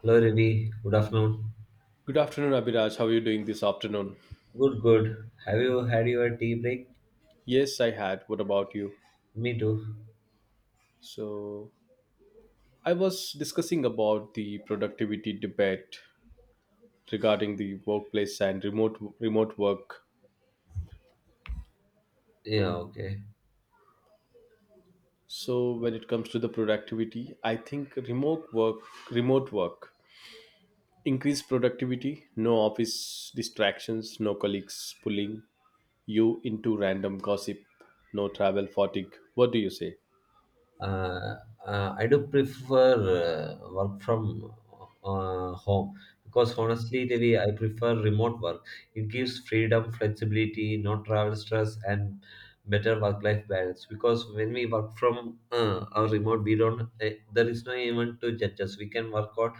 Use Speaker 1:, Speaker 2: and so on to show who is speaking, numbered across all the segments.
Speaker 1: Hello, Riddhi. Good afternoon.
Speaker 2: Good afternoon, Abhiraj. How are you doing this afternoon?
Speaker 1: Good, good. Have you had your tea break?
Speaker 2: Yes, I had. What about you?
Speaker 1: Me too.
Speaker 2: So, I was discussing about the productivity debate regarding the workplace and remote work.
Speaker 1: Yeah, okay.
Speaker 2: So, when it comes to the productivity, I think remote work, increased productivity, no office distractions, no colleagues pulling you into random gossip, no travel fatigue. What do you say?
Speaker 1: uh, I do prefer work from home because honestly, Devi, I prefer remote work. It gives freedom, flexibility, no travel stress, and better work-life balance. Because when we work from our remote, we don't there is no even to judge us. We can work out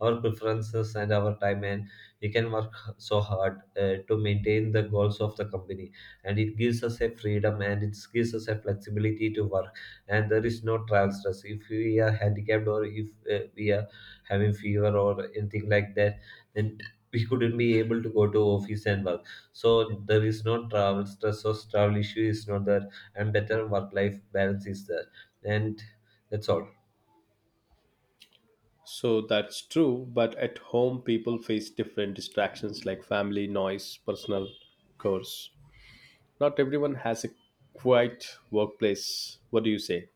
Speaker 1: our preferences and our time, and we can work so hard to maintain the goals of the company. And it gives us a freedom and it gives us a flexibility to work and there is no travel stress. If we are handicapped or if we are having fever or anything like that, then we couldn't be able to go to office and work. So there is no travel stress or travel issue is not there, and better work life balance is there. And that's all.
Speaker 2: So that's true, but at home people face different distractions like family, noise, personal chores. Not everyone has a quiet workplace. What do you say?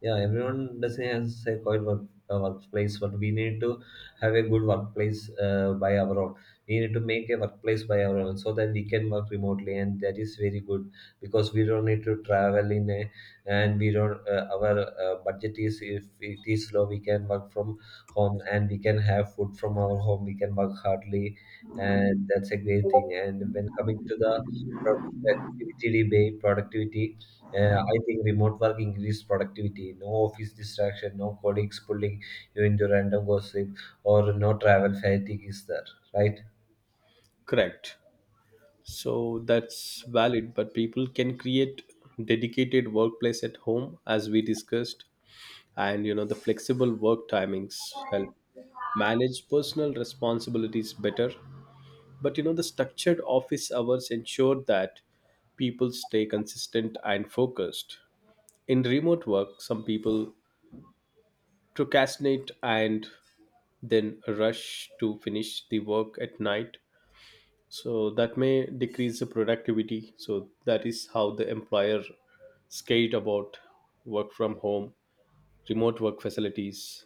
Speaker 1: Yeah, everyone doesn't has a coil work, workplace, but we need to have a good workplace by our own. We need to make a workplace by our own so that we can work remotely, and that is very good because we don't need to travel in a and we don't our budget is if it is low, we can work from home and we can have food from our home. We can work hardly, and that's a great thing. And when coming to the pro- productivity debate, productivity I think remote work increased productivity. No office distraction, no colleagues pulling you into random gossip, or no travel fatigue is there, right?
Speaker 2: Correct. So that's valid, but people can create dedicated workplace at home as we discussed, and you know the flexible work timings help manage personal responsibilities better. But you know, the structured office hours ensure that people stay consistent and focused. In remote work, some people procrastinate and then rush to finish the work at night. So that may decrease the productivity. So that is how the employer scared about work from home, remote work facilities.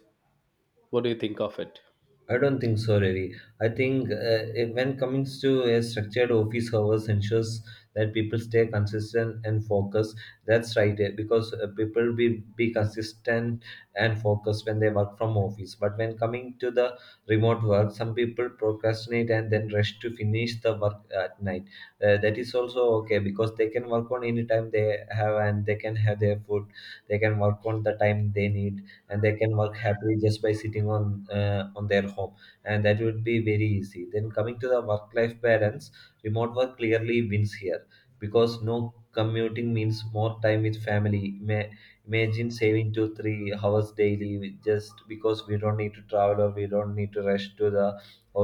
Speaker 2: What do you think of it?
Speaker 1: I don't think so, really. I think when coming to a structured office hours ensures that people stay consistent and focused. That's right, eh, because people be consistent and focused when they work from office. But when coming to the remote work, some people procrastinate and then rush to finish the work at night. That is also okay because they can work on any time they have and they can have their food. They can work on the time they need and they can work happily just by sitting on their home, and that would be very easy then coming to the work life balance. Remote work clearly wins here because no commuting means more time with family. Imagine saving 2 3 hours daily just because we don't need to travel or we don't need to rush to the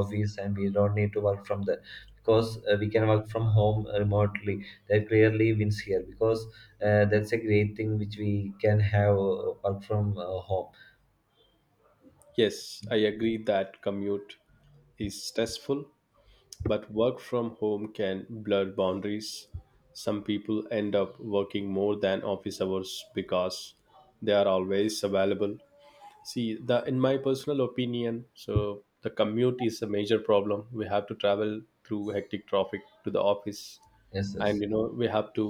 Speaker 1: office and we don't need to work from the because we can work from home remotely. That clearly wins here because that's a great thing which we can have work from home.
Speaker 2: Yes, I agree that commute is stressful, but work from home can blur boundaries. Some people end up working more than office hours because they are always available. See, the in my personal opinion, so the commute is a major problem. We have to travel through hectic traffic to the office,
Speaker 1: Yes,
Speaker 2: and
Speaker 1: yes.
Speaker 2: you know we have to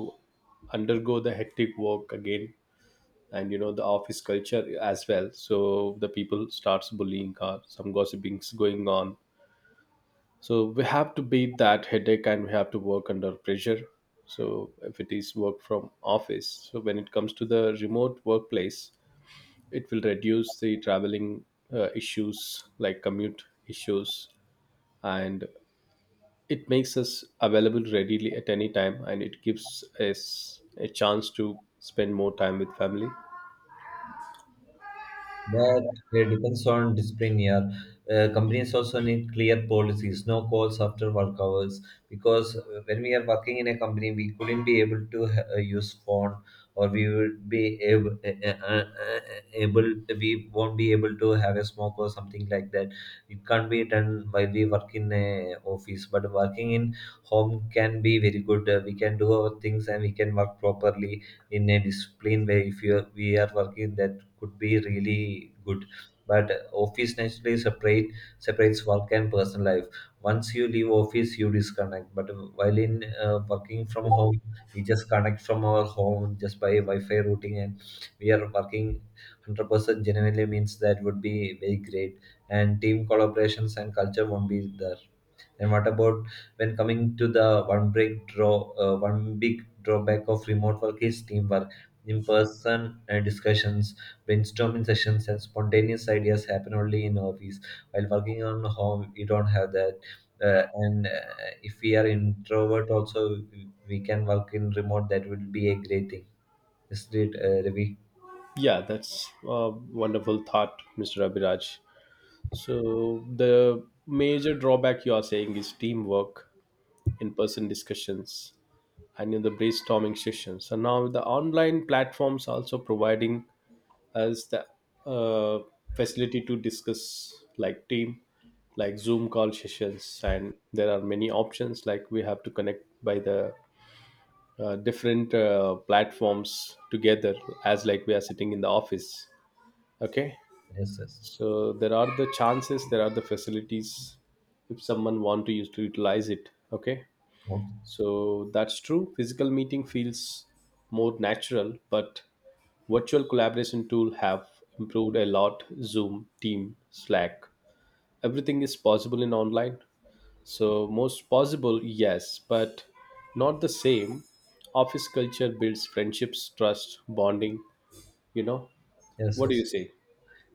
Speaker 2: undergo the hectic work again, and you know the office culture as well. So the people starts bullying, or some gossipings going on, so we have to beat that headache and we have to work under pressure. So if it is work from office, so when it comes to the remote workplace, it will reduce the traveling issues like commute issues, and it makes us available readily at any time and it gives us a chance to spend more time with family.
Speaker 1: That depends on disciplinary. Companies also need clear policies, no calls after work hours. Because when we are working in a company, we couldn't be able to use phone, or we would be able, able, we won't be able to have a smoke or something like that. It can't be done while we work in a office. But working in home can be very good. We can do our things and we can work properly in a disciplined way if you, we are working in that could be really good. But office naturally separates work and personal life. Once you leave office, you disconnect. But while in working from home, we just connect from our home just by Wi-Fi routing, and we are working 100% genuinely means that would be very great. And team collaborations and culture won't be there. And what about when coming to the one big drawback of remote work is teamwork. In-person discussions, brainstorming sessions, and spontaneous ideas happen only in office. While working on home, you don't have that. And if we are introvert, also we can work in remote. That will be a great thing. Is it, Ravi?
Speaker 2: Yeah, that's a wonderful thought, Mr. Abhiraj. So the major drawback you are saying is teamwork, in-person discussions, and in the brainstorming sessions, and now the online platforms also providing us the uh, facility to discuss like team, like Zoom call sessions, and there are many options like we have to connect by the different platforms together, as like we are sitting in the office. Okay.
Speaker 1: Yes, yes.
Speaker 2: So there are the chances, there are the facilities if someone want to use to utilize it. Okay.
Speaker 1: Oh,
Speaker 2: So that's true. Physical meeting feels more natural, but virtual collaboration tool have improved a lot. Zoom, Team, Slack. Everything is possible in online. So most possible, yes, but not the same. Office culture builds friendships, trust, bonding, you know.
Speaker 1: yes,
Speaker 2: What do you
Speaker 1: yes.
Speaker 2: say?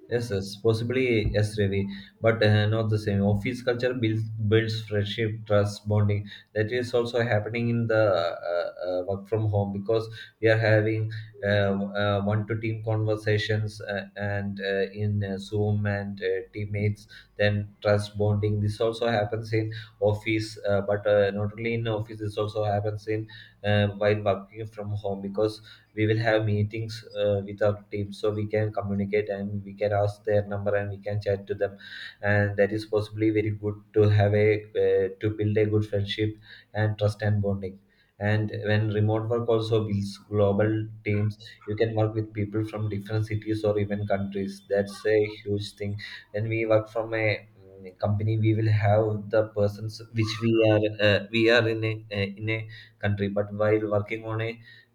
Speaker 1: Yes, yes, possibly yes, Ravi, but not the same. Office culture builds friendship, trust, bonding. That is also happening in the work from home because we are having uh, one to team conversations and in Zoom and teammates. Then trust bonding. This also happens in office, but not only in office. This also happens in while working from home because we will have meetings with our team, so we can communicate and we can ask their number and we can chat to them, and that is possibly very good to have a to build a good friendship and trust and bonding. And when remote work also builds global teams, you can work with people from different cities or even countries. That's a huge thing. When we work from a company, we will have the persons which we are in a country, but while working on a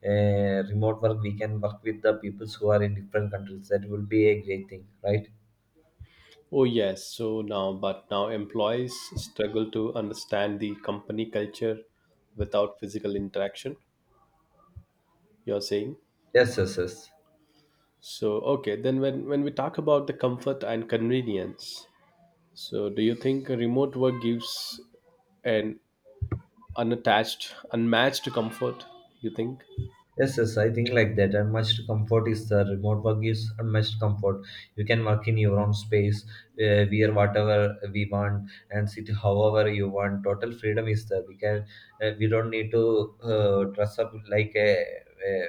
Speaker 1: remote work, we can work with the peoples who are in different countries. That will be a great thing, right?
Speaker 2: Oh yes, so now but now employees struggle to understand the company culture without physical interaction, you're saying?
Speaker 1: Yes, yes, yes.
Speaker 2: So, okay, then when we talk about the comfort and convenience, so do you think remote work gives an unattached, unmatched comfort? You think?
Speaker 1: Yes, yes, I think like that. Unmatched comfort is the remote work gives unmatched comfort. You can work in your own space, wear whatever we want, and sit however you want. Total freedom is there. We can, we don't need to dress up like a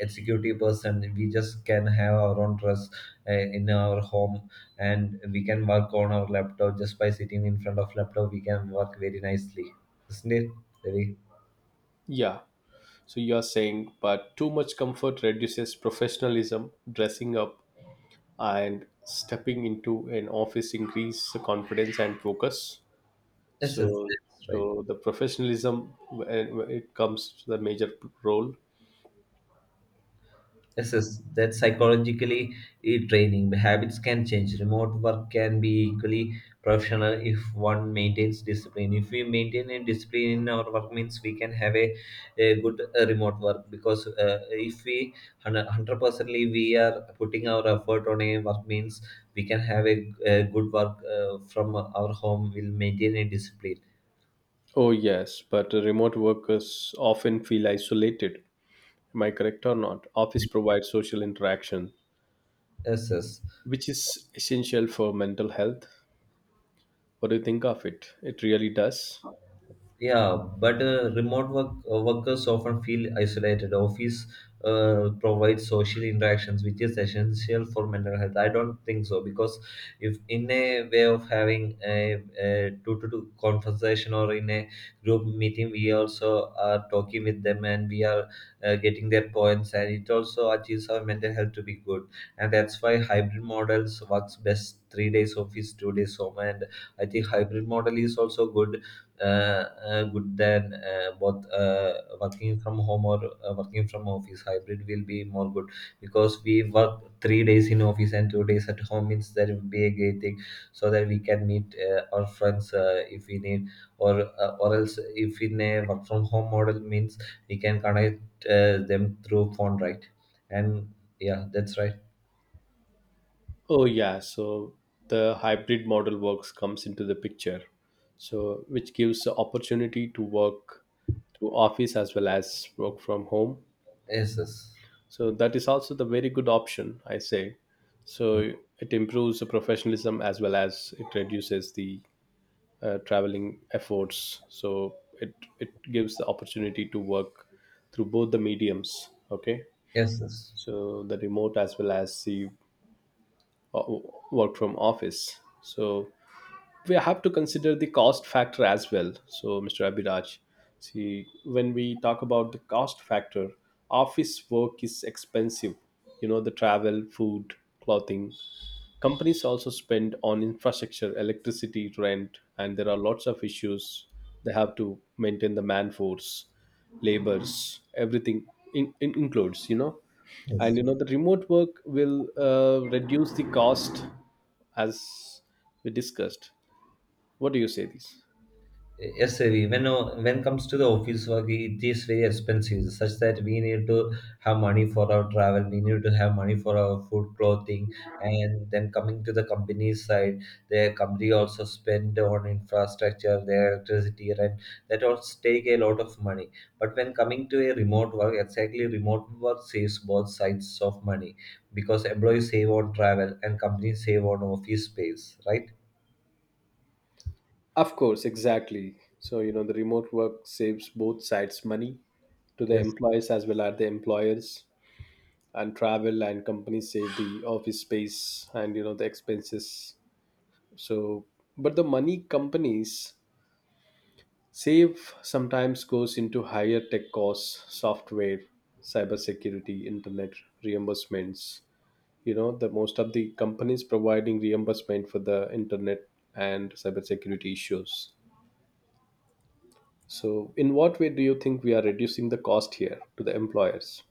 Speaker 1: executive person. We just can have our own dress in our home, and we can work on our laptop just by sitting in front of laptop. We can work very nicely, isn't it? Very,
Speaker 2: Yeah. So you are saying, but too much comfort reduces professionalism, dressing up, and stepping into an office increase the confidence and focus.
Speaker 1: yes, yes,
Speaker 2: So,
Speaker 1: that's right.
Speaker 2: so the professionalism when it comes to the major role.
Speaker 1: Yes, yes, that's psychologically eh, draining. Habits can change. Remote work can be equally professional if one maintains discipline. If we maintain a discipline in our work, means we can have a good remote work because if we hundred percently we are putting our effort on a work, means we can have a good work from our home. We'll maintain a discipline.
Speaker 2: Oh yes, but remote workers often feel isolated, am I correct or not? Office provides social interaction,
Speaker 1: Yes, yes.
Speaker 2: which is essential for mental health. What do you think of it? It really does.
Speaker 1: Yeah, but remote work workers often feel isolated. Office provides social interactions, which is essential for mental health. I don't think so because if in a way of having a two-to-two conversation or in a group meeting, we also are talking with them and we are getting their points, and it also achieves our mental health to be good. And that's why hybrid models works best. 3 days office, 2 days home, and I think hybrid model is also good good than both working from home or working from office. Hybrid will be more good because we work 3 days in office and 2 days at home means that would be a great thing, so that we can meet our friends if we need or else if in a work from home model means we can connect them through phone, right? And yeah, that's right.
Speaker 2: Oh yeah, so the hybrid model works comes into the picture. So which gives the opportunity to work through office as well as work from home.
Speaker 1: Yes, yes.
Speaker 2: So that is also the very good option, I say. So it improves the professionalism as well as it reduces the traveling efforts, so it gives the opportunity to work through both the mediums. Okay.
Speaker 1: Yes, yes,
Speaker 2: So the remote as well as the uh, work from office. So we have to consider the cost factor as well, so Mr. Abhiraj, see, when we talk about the cost factor, office work is expensive. You know the travel, food, clothing. Companies also spend on infrastructure, electricity, rent, and there are lots of issues. They have to maintain the man force, labors, everything in includes, you know. And
Speaker 1: yes.
Speaker 2: you know, the remote work will reduce the cost as we discussed. What do you say, this?
Speaker 1: Yes, Ravi. When comes to the office work, it is very expensive, such that we need to have money for our travel, we need to have money for our food, clothing, and then coming to the company side, their company also spend on infrastructure, their electricity, rent. That all take a lot of money. But when coming to a remote work, exactly remote work saves both sides of money because employees save on travel and companies save on office space, right?
Speaker 2: Of course, exactly. So, you know, the remote work saves both sides money, to the
Speaker 1: Yes.
Speaker 2: employees as well as the employers, and travel, and companies save the office space and you know the expenses. So but the money companies save sometimes goes into higher tech costs, software, cybersecurity, internet reimbursements. You know the most of the companies providing reimbursement for the internet and cybersecurity issues. So in what way do you think we are reducing the cost here to the employers?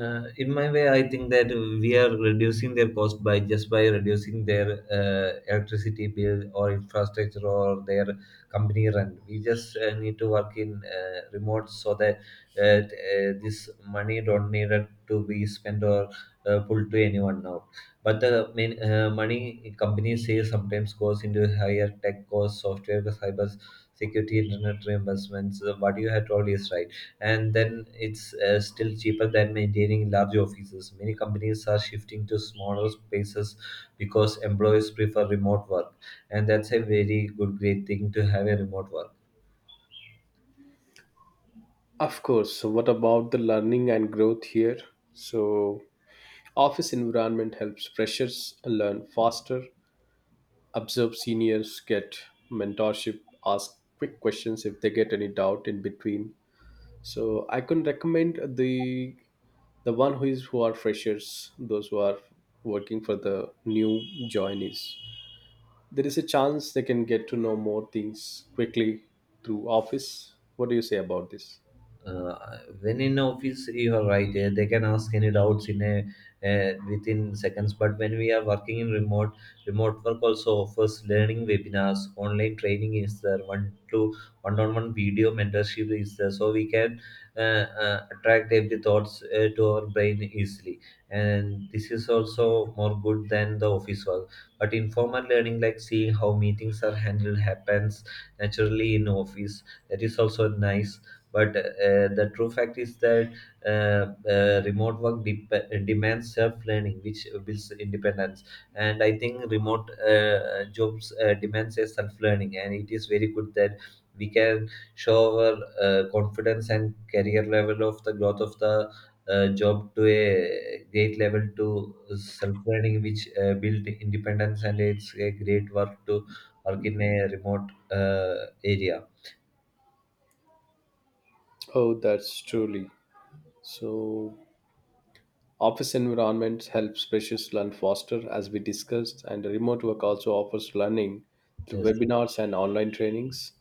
Speaker 1: In my way, I think that we are reducing their cost by just by reducing their electricity bill or infrastructure or their company rent. We just need to work in remote so that this money don't need it to be spent or pulled to anyone out. But the main, money companies say sometimes goes into higher tech costs, software, cyber security, internet reimbursements. What you have told is right, and then it's still cheaper than maintaining large offices. Many companies are shifting to smaller spaces because employees prefer remote work, and that's a very good, great thing to have a remote work.
Speaker 2: Of course, so what about the learning and growth here? So office environment helps freshers learn faster, observe seniors, get mentorship, ask quick questions if they get any doubt in between. So I can recommend the one who is who are freshers, those who are working for the new joinees. There is a chance they can get to know more things quickly through office. What do you say about this?
Speaker 1: Uh, when in office you are right, eh, they can ask any doubts in a within seconds, but when we are working in remote work also offers learning webinars, online training is there, one on one video mentorship is there, so we can uh, attract every thoughts to our brain easily, and this is also more good than the office work. But informal learning like seeing how meetings are handled happens naturally in office. That is also nice, but the true fact is that remote work demands self-learning, which builds independence. And I think remote jobs demands a self-learning, and it is very good that we can show our confidence and career level of the growth of the job to a great level to self-learning, which build independence, and it's a great work to work in a remote area.
Speaker 2: Oh, that's truly so. Office environments help freshers learn faster, as we discussed, and remote work also offers learning through
Speaker 1: Yes,
Speaker 2: webinars and online trainings,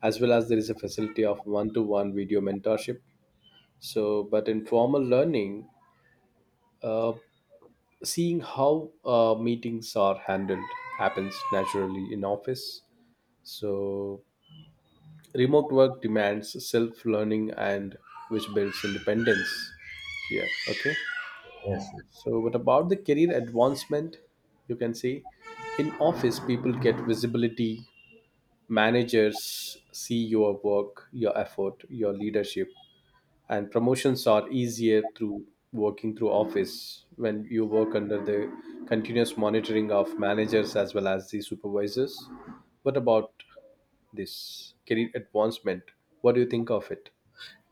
Speaker 2: as well as there is a facility of one to one video mentorship. So, but in formal learning, uh, seeing how meetings are handled happens naturally in office. So, remote work demands self learning and which builds independence. Yeah, okay.
Speaker 1: yes.
Speaker 2: So, but about the career advancement, you can see in office people get visibility. Managers see your work, your effort, your leadership, and promotions are easier through working through office when you work under the continuous monitoring of managers as well as the supervisors. What about this career advancement? What do you think of it?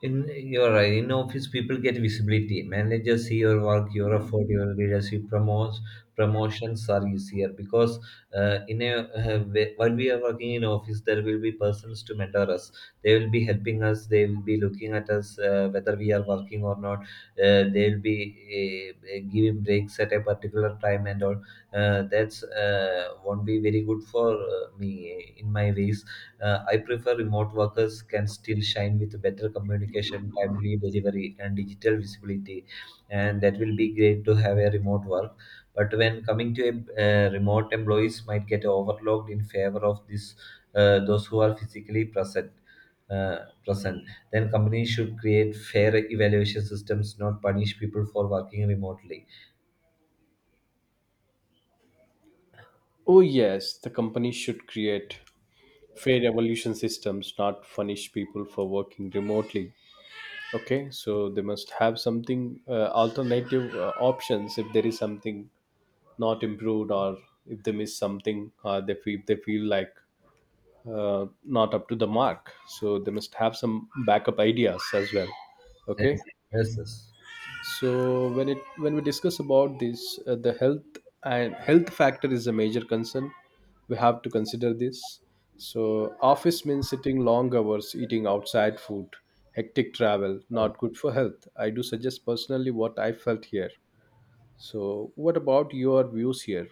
Speaker 1: In you're right. In office, people get visibility. Managers see your work, your effort, your leadership. Promotes Promotions are easier because in a while we are working in office, there will be persons to mentor us. They will be helping us. They will be looking at us whether we are working or not. They will be giving breaks at a particular time and all. That's won't be very good for me in my ways. I prefer remote workers can still shine with better communication, timely delivery, and digital visibility, and that will be great to have a remote work. But when coming to remote employees, might get overlooked in favor of this those who are physically present. Uh, then companies should create fair evaluation systems, not punish people for working remotely.
Speaker 2: Oh, yes, the company should create fair evolution systems, not punish people for working remotely. Okay, so they must have something alternative options if there is something not improved, or if they miss something or they feel like not up to the mark, so they must have some backup ideas as well.
Speaker 1: Yes,
Speaker 2: Okay.
Speaker 1: yes, yes.
Speaker 2: So when it when we discuss about this, the health and health factor is a major concern. We have to consider this. So office means sitting long hours, eating outside food, hectic travel, not good for health. I do suggest personally what I felt here. So what about your views here?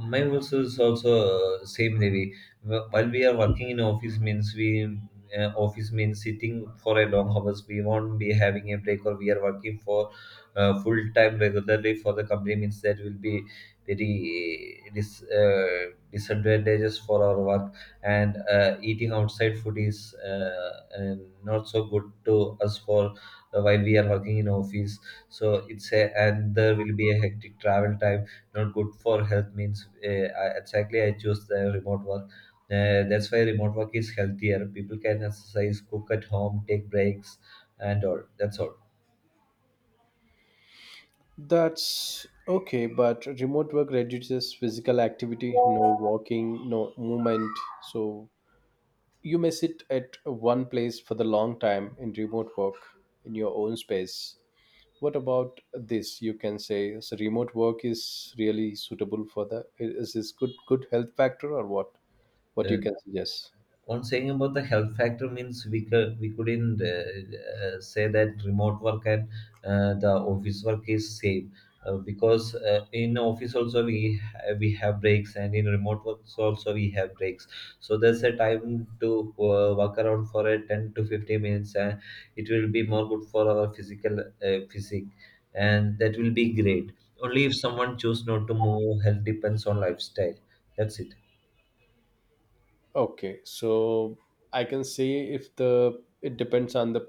Speaker 1: Mine was is also same, Devi. While we are working in office means we office means sitting for a long hours. We won't be having a break or we are working for full time regularly for the company means that will be very disadvantages for our work, and eating outside food is uh, not so good to us for while we are working in office. So it's a, and there will be a hectic travel time not good for health means exactly I choose the remote work. That's why remote work is healthier. People can exercise, cook at home, take breaks, and all. That's all.
Speaker 2: That's okay, but remote work reduces physical activity, no walking, no movement. So you may sit at one place for the long time in remote work in your own space. What about this you can say? So remote work is really suitable for the, is this good good health factor, or what you
Speaker 1: Uh,
Speaker 2: can suggest?
Speaker 1: on saying about the health factor means we couldn't say that remote work and the office work is safe because in office also we have breaks, and in remote work also we have breaks, so there's a time to walk around for a 10 to 15 minutes, and it will be more good for our physical physique, and that will be great only if someone choose not to move. Health depends on lifestyle. That's it.
Speaker 2: Okay, so I can say if the it depends on the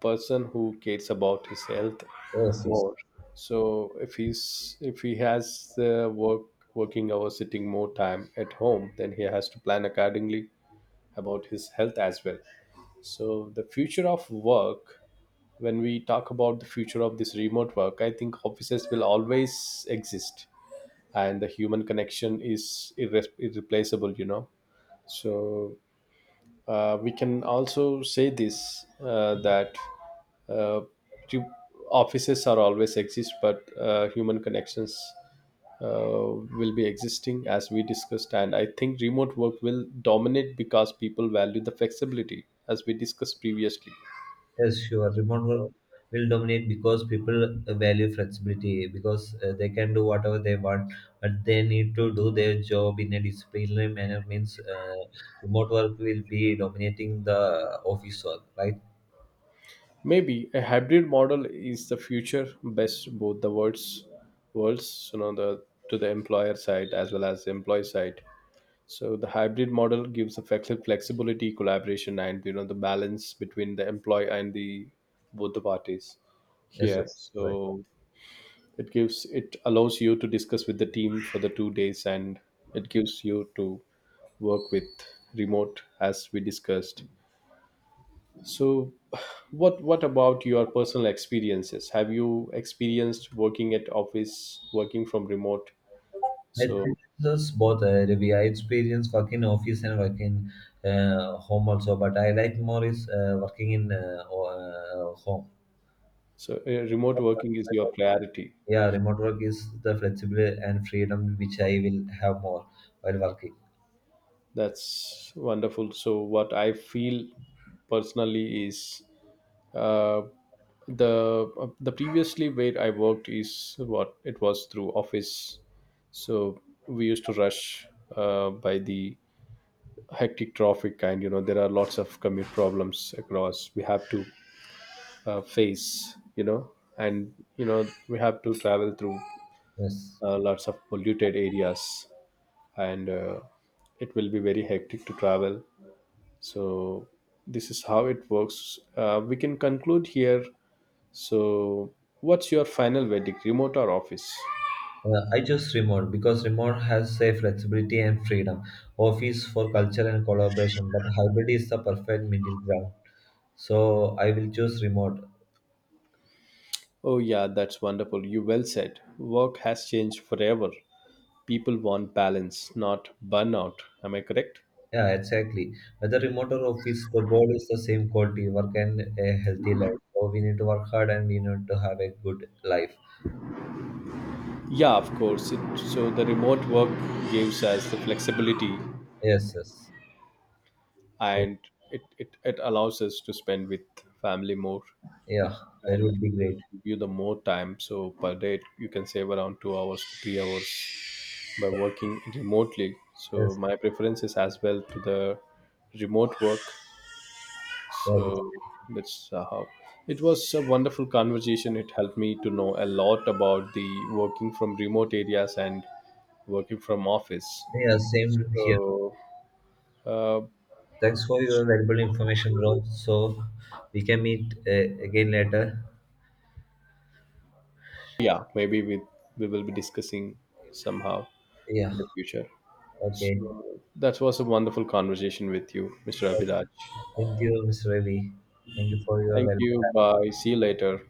Speaker 2: person who cares about his health
Speaker 1: Yes, yes.
Speaker 2: more. So if he's if he has the work working hours sitting more time at home, then he has to plan accordingly about his health as well. So, the future of work, when we talk about the future of this remote work, I think offices will always exist and the human connection is irre- irreplaceable, you know. So, we can also say this that uh, re- offices are always exist, but human connections will be existing as we discussed, and I think remote work will dominate because people value the flexibility as we discussed previously.
Speaker 1: Yes, sure. Remote work will dominate because people value flexibility because they can do whatever they want, but they need to do their job in a disciplinary manner. Means remote work will be dominating the office work, right?
Speaker 2: Maybe a hybrid model is the future best both the worlds, worlds, you know, the to the employer side as well as the employee side. So the hybrid model gives the flexi- flexibility, collaboration, and you know the balance between the employee and the both the parties
Speaker 1: Yes,
Speaker 2: here.
Speaker 1: yes, right.
Speaker 2: So it gives, it allows you to discuss with the team for the 2 days, and it gives you to work with remote as we discussed. So what about your personal experiences, have you experienced working at office, working from remote?
Speaker 1: I
Speaker 2: So
Speaker 1: think it's both. Ravi. I experience working office and working home also, but I like more is working in home.
Speaker 2: so remote working is your priority.
Speaker 1: Yeah, remote work is the flexibility and freedom which I will have more while working.
Speaker 2: That's wonderful. So what I feel personally is, Uh, the previously where I worked is what it was through office, so we used to rush by the hectic traffic, and you know there are lots of commute problems across we have to face, you know, and you know we have to travel through
Speaker 1: Yes.
Speaker 2: lots of polluted areas, and it will be very hectic to travel. So this is how it works. We can conclude here. So, what's your final verdict, remote or office?
Speaker 1: I choose remote because remote has a flexibility and freedom. Office for culture and collaboration, but hybrid is the perfect middle ground. So I will choose remote.
Speaker 2: Oh, yeah, that's wonderful. You well said. Work has changed forever. People want balance, not burnout. Am I correct?
Speaker 1: Yeah, exactly. Whether remote or office, the goal is the same quality work and a healthy life. So we need to work hard and we need to have a good life.
Speaker 2: Yeah, of course. It, so, the remote work gives us the flexibility,
Speaker 1: Yes, yes. So
Speaker 2: and it allows us to spend with family more
Speaker 1: yeah, that
Speaker 2: and
Speaker 1: would be great.
Speaker 2: give you the more time. So, per day, you can save around 2 hours to 3 hours by working remotely. So
Speaker 1: Yes,
Speaker 2: my preference is as well to the remote work.
Speaker 1: that is.
Speaker 2: So that's how it was a wonderful conversation. It helped me to know a lot about the working from remote areas and working from office.
Speaker 1: Yeah, same here.
Speaker 2: So uh,
Speaker 1: Thanks for your valuable information, bro. So we can meet again later.
Speaker 2: yeah, maybe we will be discussing somehow
Speaker 1: Yeah.
Speaker 2: in the future.
Speaker 1: Okay.
Speaker 2: So that was a wonderful conversation with you, Mr. Abhiraj.
Speaker 1: Thank you, Mr. Ravi. Thank you for your
Speaker 2: Thank
Speaker 1: valuable
Speaker 2: you.
Speaker 1: time.
Speaker 2: Bye. See you later.